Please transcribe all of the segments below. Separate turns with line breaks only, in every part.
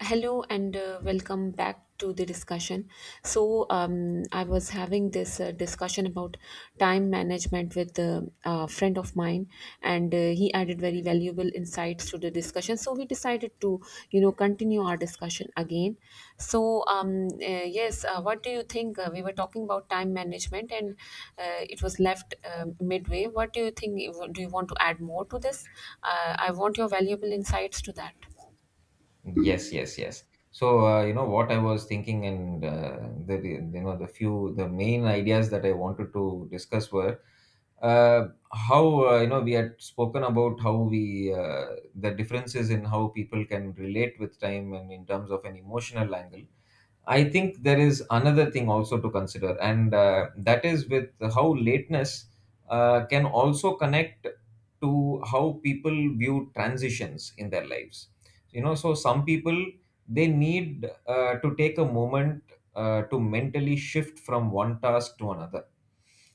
Hello and welcome back to the discussion. I was having this discussion about time management with a friend of mine, and he added very valuable insights to the discussion. So, we decided to, continue our discussion again. Yes, what do you think? We were talking about time management, and it was left midway. What do you think? Do you want to
Thank
add more to this?
you.
I want your valuable insights to that.
Yes, yes, yes. So you know what I was thinking. And the you know, the main ideas that I wanted to discuss were, how, you know, we had spoken about how we, the differences in how people can relate with time and in terms of an emotional angle. I think there is another thing also to consider, and that is with how lateness can also connect to how people view transitions in their lives, you know. So some people, they need to take a moment to mentally shift from one task to another.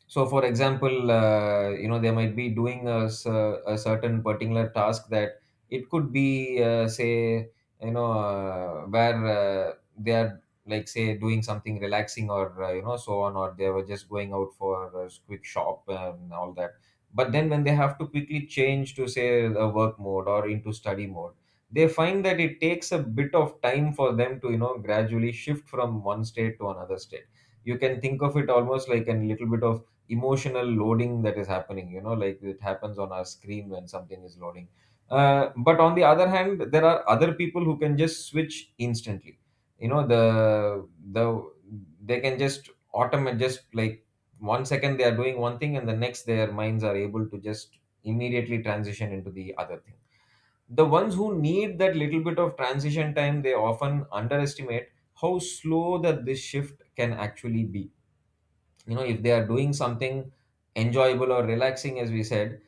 So for example, you know, they might be doing a certain particular task that it could be, say, you know, where, they are, like, say, doing something relaxing, or, you know, so on, or they were just going out for a quick shop and all that. But then when they have to quickly change to say a work mode or into study mode, they find that it takes a bit of time for them to, you know, gradually shift from one state to another state. You can think of it almost like a little bit of emotional loading that is happening, you know, like it happens on our screen when something is loading. But on the other hand, there are other people who can just switch instantly, you know. They can just automate, just like, one second they are doing one thing and the next their minds are able to just immediately transition into the other thing. The ones who need that little bit of transition time, they often underestimate how slow that this shift can actually be. You know, if they are doing something enjoyable or relaxing, as we said,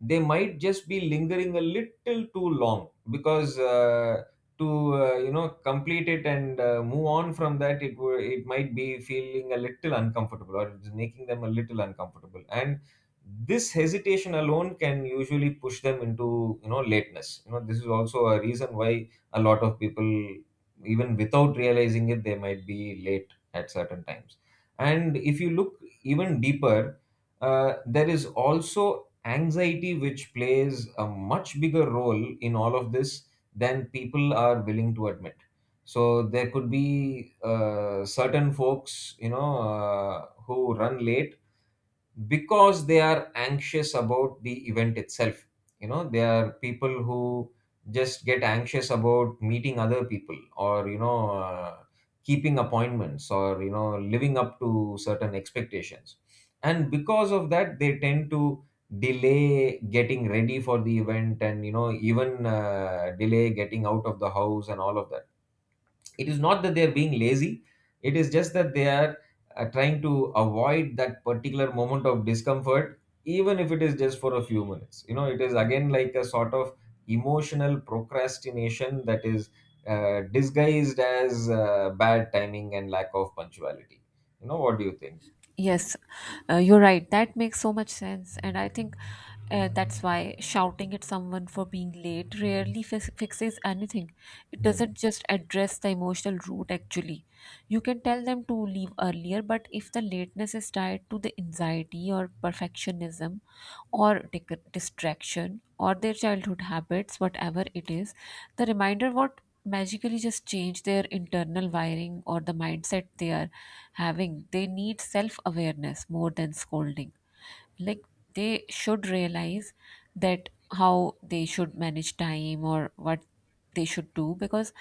they might just be lingering a little too long because, to, you know, complete it, and, move on from that, it might be feeling a little uncomfortable, or it's making them a little uncomfortable, and this hesitation alone can usually push them into, you know, lateness. You know, this is also a reason why a lot of people, even without realizing it, they might be late at certain times. And if you look even deeper, there is also anxiety, which plays a much bigger role in all of this than people are willing to admit. So there could be certain folks, you know, who run late because they are anxious about the event itself. You know, they are people who just get anxious about meeting other people, or, you know, keeping appointments, or, you know, living up to certain expectations, and because of that, they tend to delay getting ready for the event, and, you know, even, delay getting out of the house and all of that. It is not that they are being lazy, it is just that they are, trying to avoid that particular moment of discomfort, even if it is just for a few minutes. You know, it is again like a sort of emotional procrastination that is, disguised as, bad timing and lack of punctuality. You know, what do you think?
Yes, you're right. That makes so much sense. And I think that's why shouting at someone for being late rarely fix fixes anything. It
Hmm.
doesn't just address the emotional root, actually. You can tell them to leave earlier, but if the lateness is tied to the anxiety or perfectionism or distraction or their childhood habits, whatever it is, the reminder what magically just change their internal wiring or the mindset they are having. They need self awareness more than scolding. Like, they should realize that how they should manage time or what they should do because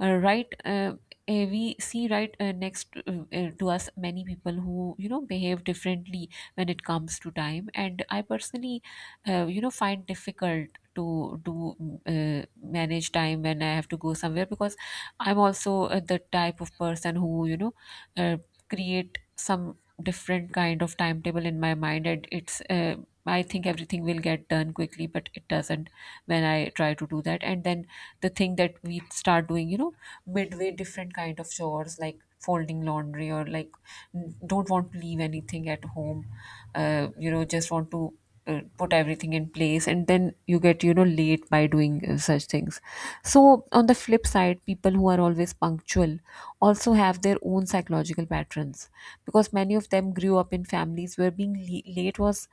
uh, right uh, we see to us many people who behave differently when it comes to time. And I personally find difficult to do manage time when I have to go somewhere, because I'm also the type of person who uh, create some different kind of timetable in my mind, and it's I think everything will get done quickly but it doesn't. When I try to do that, and then the thing that we start doing, midway different kind of chores like folding laundry, or like don't want to leave anything at home, just want to put everything in place, and then you get, late by doing such things. So on the flip side, people who are always punctual also have their own psychological patterns, because many of them grew up in families where being late was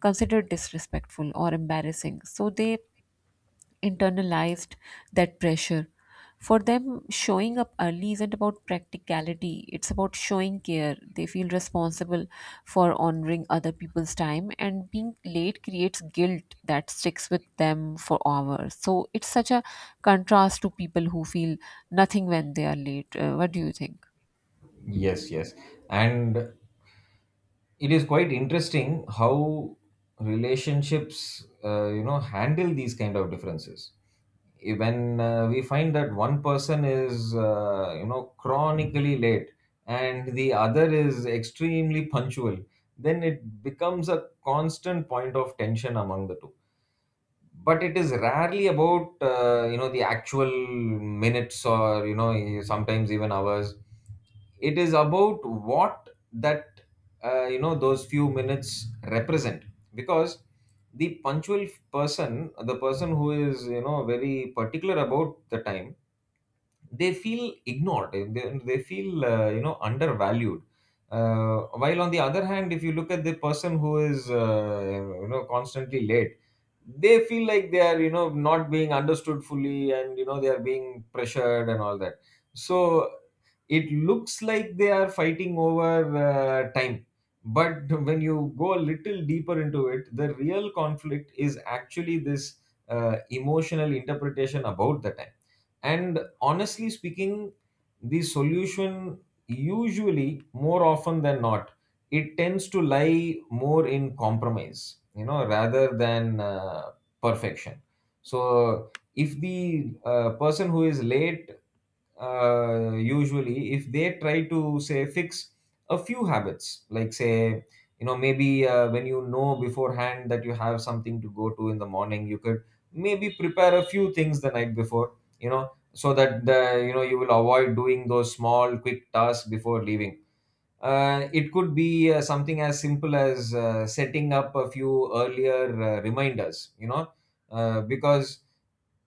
considered disrespectful or embarrassing, so they internalized that pressure. For them, showing up early isn't about practicality, it's about showing care. They feel responsible for honoring other people's time, and being late creates guilt that sticks with them for hours. So it's such a contrast to people who feel nothing when they are late. What do you think?
Yes, yes. And it is quite interesting how relationships, you know, handle these kind of differences. When, we find that one person is, you know, chronically late, and the other is extremely punctual, then it becomes a constant point of tension among the two, but it is rarely about, you know, the actual minutes, or, you know, sometimes even hours. It is about what that, you know, those few minutes represent, because the punctual person, the person who is, you know, very particular about the time, they feel ignored. They feel, you know, undervalued, while on the other hand, if you look at the person who is, you know, constantly late, they feel like they are, you know, not being understood fully, and, you know, they are being pressured and all that. So it looks like they are fighting over, time, but when you go a little deeper into it, the real conflict is actually this, emotional interpretation about the time. And honestly speaking, the solution, usually more often than not, it tends to lie more in compromise, you know, rather than, perfection. So if the, person who is late, usually, if they try to say fix a few habits, like, say, you know, maybe, when you know beforehand that you have something to go to in the morning, you could maybe prepare a few things the night before, you know, so that the, you know, you will avoid doing those small quick tasks before leaving. It could be, something as simple as, setting up a few earlier, reminders, you know, because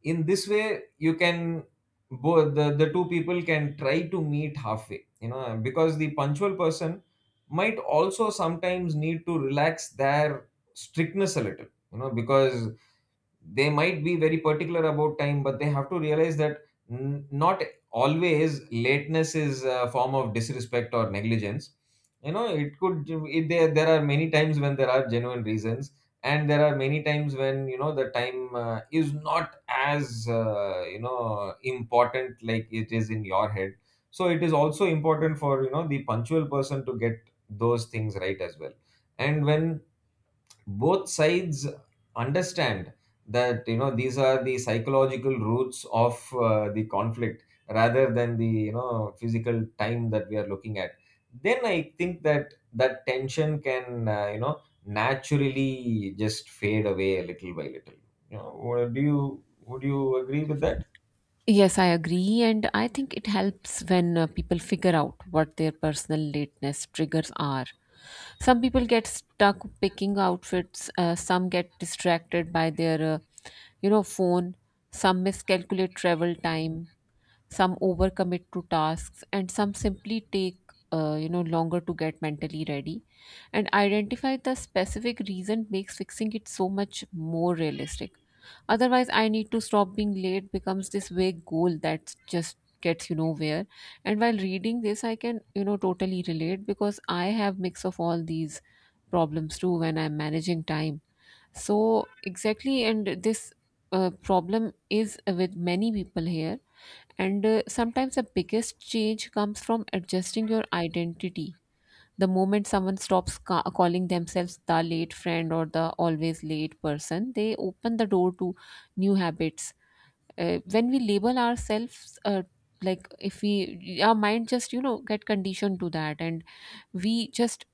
in this way you can, both, the two people can try to meet halfway, you know, because the punctual person might also sometimes need to relax their strictness a little, you know, because they might be very particular about time, but they have to realize that, not always lateness is a form of disrespect or negligence. You know, it could it, there are many times when there are genuine reasons, and there are many times when, you know, the time, is not as, you know, important like it is in your head. So it is also important for, you know, the punctual person to get those things right as well, and when both sides understand that, you know, these are the psychological roots of, the conflict rather than the, you know, physical time that we are looking at, then I think that tension can, you know, naturally just fade away little by little. You know, what do you would you agree with that?
Yes, I agree, and I think it helps when people figure out what their personal lateness triggers are. Some people get stuck picking outfits, some get distracted by their, you know, phone, some miscalculate travel time, some overcommit to tasks, and some simply take you know longer to get mentally ready, and identify the specific reason makes fixing it so much more realistic. Otherwise, I need to stop being late becomes this vague goal that just gets you nowhere. And while reading this, I can you know totally relate, because I have mix of all these problems too when I'm managing time. So exactly, and this problem is with many people here. And sometimes the biggest change comes from adjusting your identity. The moment someone stops calling themselves the late friend or the always late person, they open the door to new habits. When we label ourselves, like if we, our mind just, you know, get conditioned to that, and we just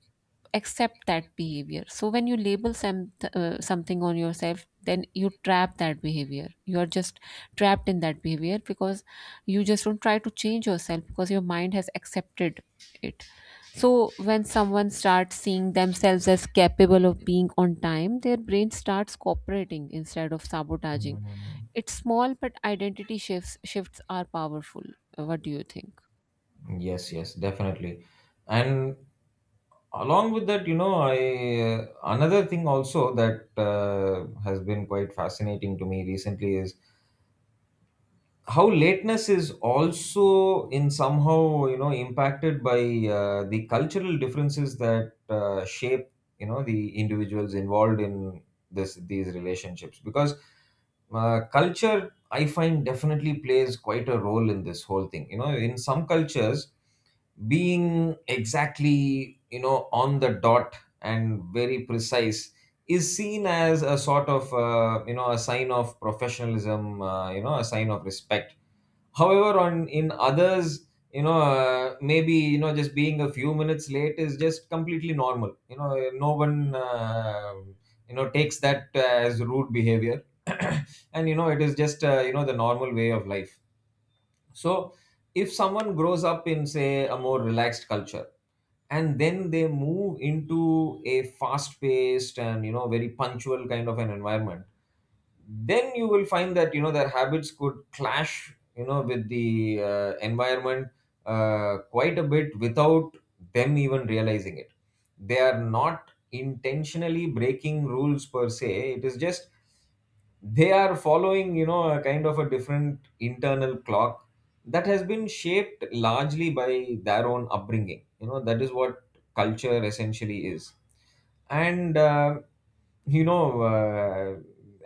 accept that behavior. So when you label some something on yourself, then you trap that behavior. You are just trapped in that behavior because you just don't try to change yourself because your mind has accepted it. So when someone starts seeing themselves as capable of being on time, their brain starts cooperating instead of sabotaging. It's small, but identity shifts shifts are powerful. What do you think?
Yes, yes, definitely. And along with that, you know, I another thing also that, has been quite fascinating to me recently is how lateness is also in somehow, you know, impacted by, the cultural differences that, shape, you know, the individuals involved in this these relationships, because, culture, I find, definitely plays quite a role in this whole thing. You know, in some cultures, being exactly, you know, on the dot and very precise is seen as a sort of, you know, a sign of professionalism, you know, a sign of respect. However, on in others, you know, maybe, you know, just being a few minutes late is just completely normal. You know, no one, you know, takes that as rude behavior and, you know, it is just, you know, the normal way of life. So if someone grows up in, say, a more relaxed culture, and then they move into a fast paced and, you know, very punctual kind of an environment, then you will find that, you know, their habits could clash, you know, with the, environment, quite a bit without them even realizing it. They are not intentionally breaking rules per se, it is just they are following, you know, a kind of a different internal clock that has been shaped largely by their own upbringing. You know, that is what culture essentially is. And you know,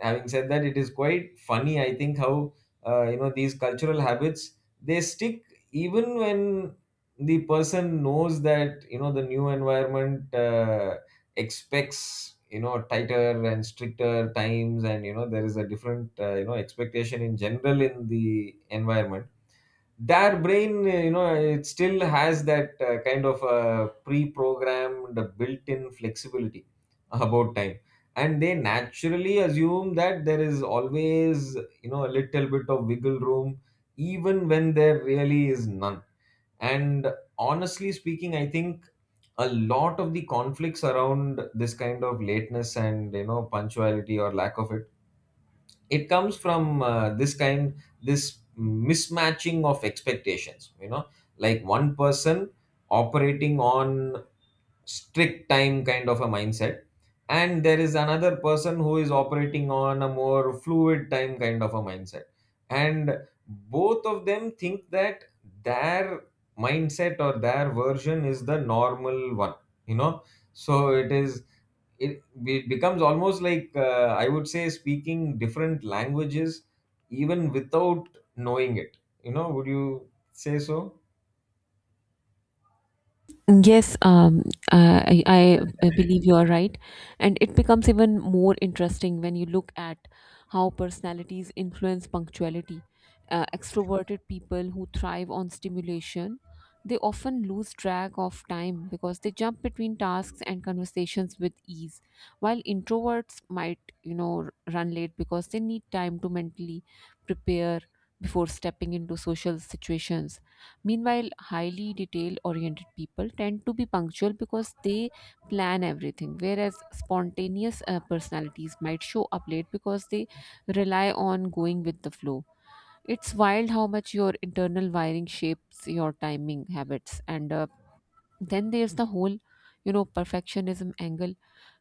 having said that, it is quite funny, I think, how, you know, these cultural habits, they stick even when the person knows that, you know, the new environment, expects, you know, tighter and stricter times, and, you know, there is a different, you know, expectation in general in the environment. Their brain, you know, it still has that, kind of, pre-programmed built-in flexibility about time, and they naturally assume that there is always, you know, a little bit of wiggle room even when there really is none. And honestly speaking, I think a lot of the conflicts around this kind of lateness and, you know, punctuality or lack of it, it comes from, this mismatching of expectations. You know, like one person operating on strict time kind of a mindset, and there is another person who is operating on a more fluid time kind of a mindset, and both of them think that their mindset or their version is the normal one, you know. So it is, it becomes almost like, I would say, speaking different languages even without knowing it. You know, would you say so?
Yes, I believe you are right. And it becomes even more interesting when you look at how personalities influence punctuality. Extroverted people who thrive on stimulation, they often lose track of time because they jump between tasks and conversations with ease, while introverts might, you know, run late because they need time to mentally prepare before stepping into social situations. Meanwhile, highly detail oriented people tend to be punctual because they plan everything, whereas spontaneous personalities might show up late because they rely on going with the flow. It's wild how much your internal wiring shapes your timing habits. And then there's the whole, you know, perfectionism angle,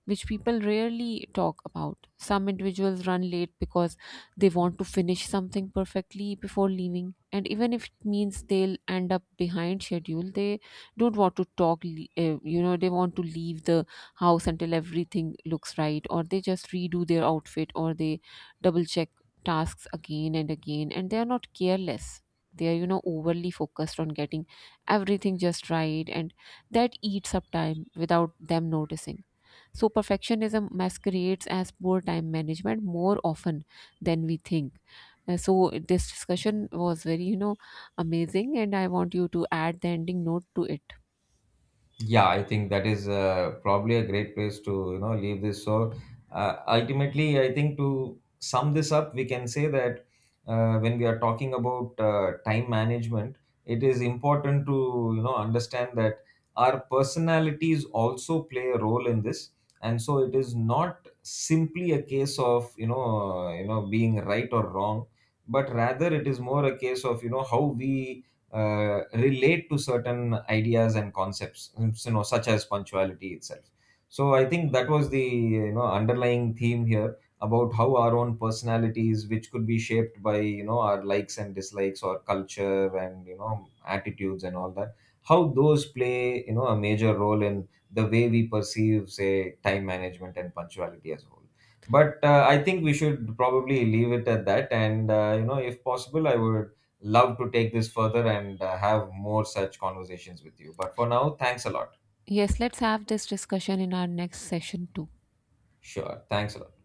which people rarely talk about. Some individuals run late because they want to finish something perfectly before leaving. And even if it means they'll end up behind schedule, they don't want to talk, you know, they want to leave the house until everything looks right, or they just redo their outfit, or they double check tasks again and again. And they are not careless. They are, you know, overly focused on getting everything just right, and that eats up time without them noticing. So, perfectionism masquerades as poor time management more often than we think. So, this discussion was very, you know, amazing, and I want you to add the ending note to it.
Yeah, I think that is, probably a great place to, you know, leave this. So, ultimately, I think to sum this up, we can say that, when we are talking about, time management, it is important to, you know, understand that our personalities also play a role in this, and so it is not simply a case of, you know, you know, being right or wrong, but rather it is more a case of, you know, how we, relate to certain ideas and concepts, you know, such as punctuality itself. So I think that was the, you know, underlying theme here about how our own personalities, which could be shaped by, you know, our likes and dislikes or culture and, you know, attitudes and all that, how those play, you know, a major role in the way we perceive, say, time management and punctuality as a whole. But, I think we should probably leave it at that. And, you know, if possible, I would love to take this further and, have more such conversations with you. But for now, thanks a lot.
Yes, let's have this discussion in our next session too.
Sure. Thanks a lot.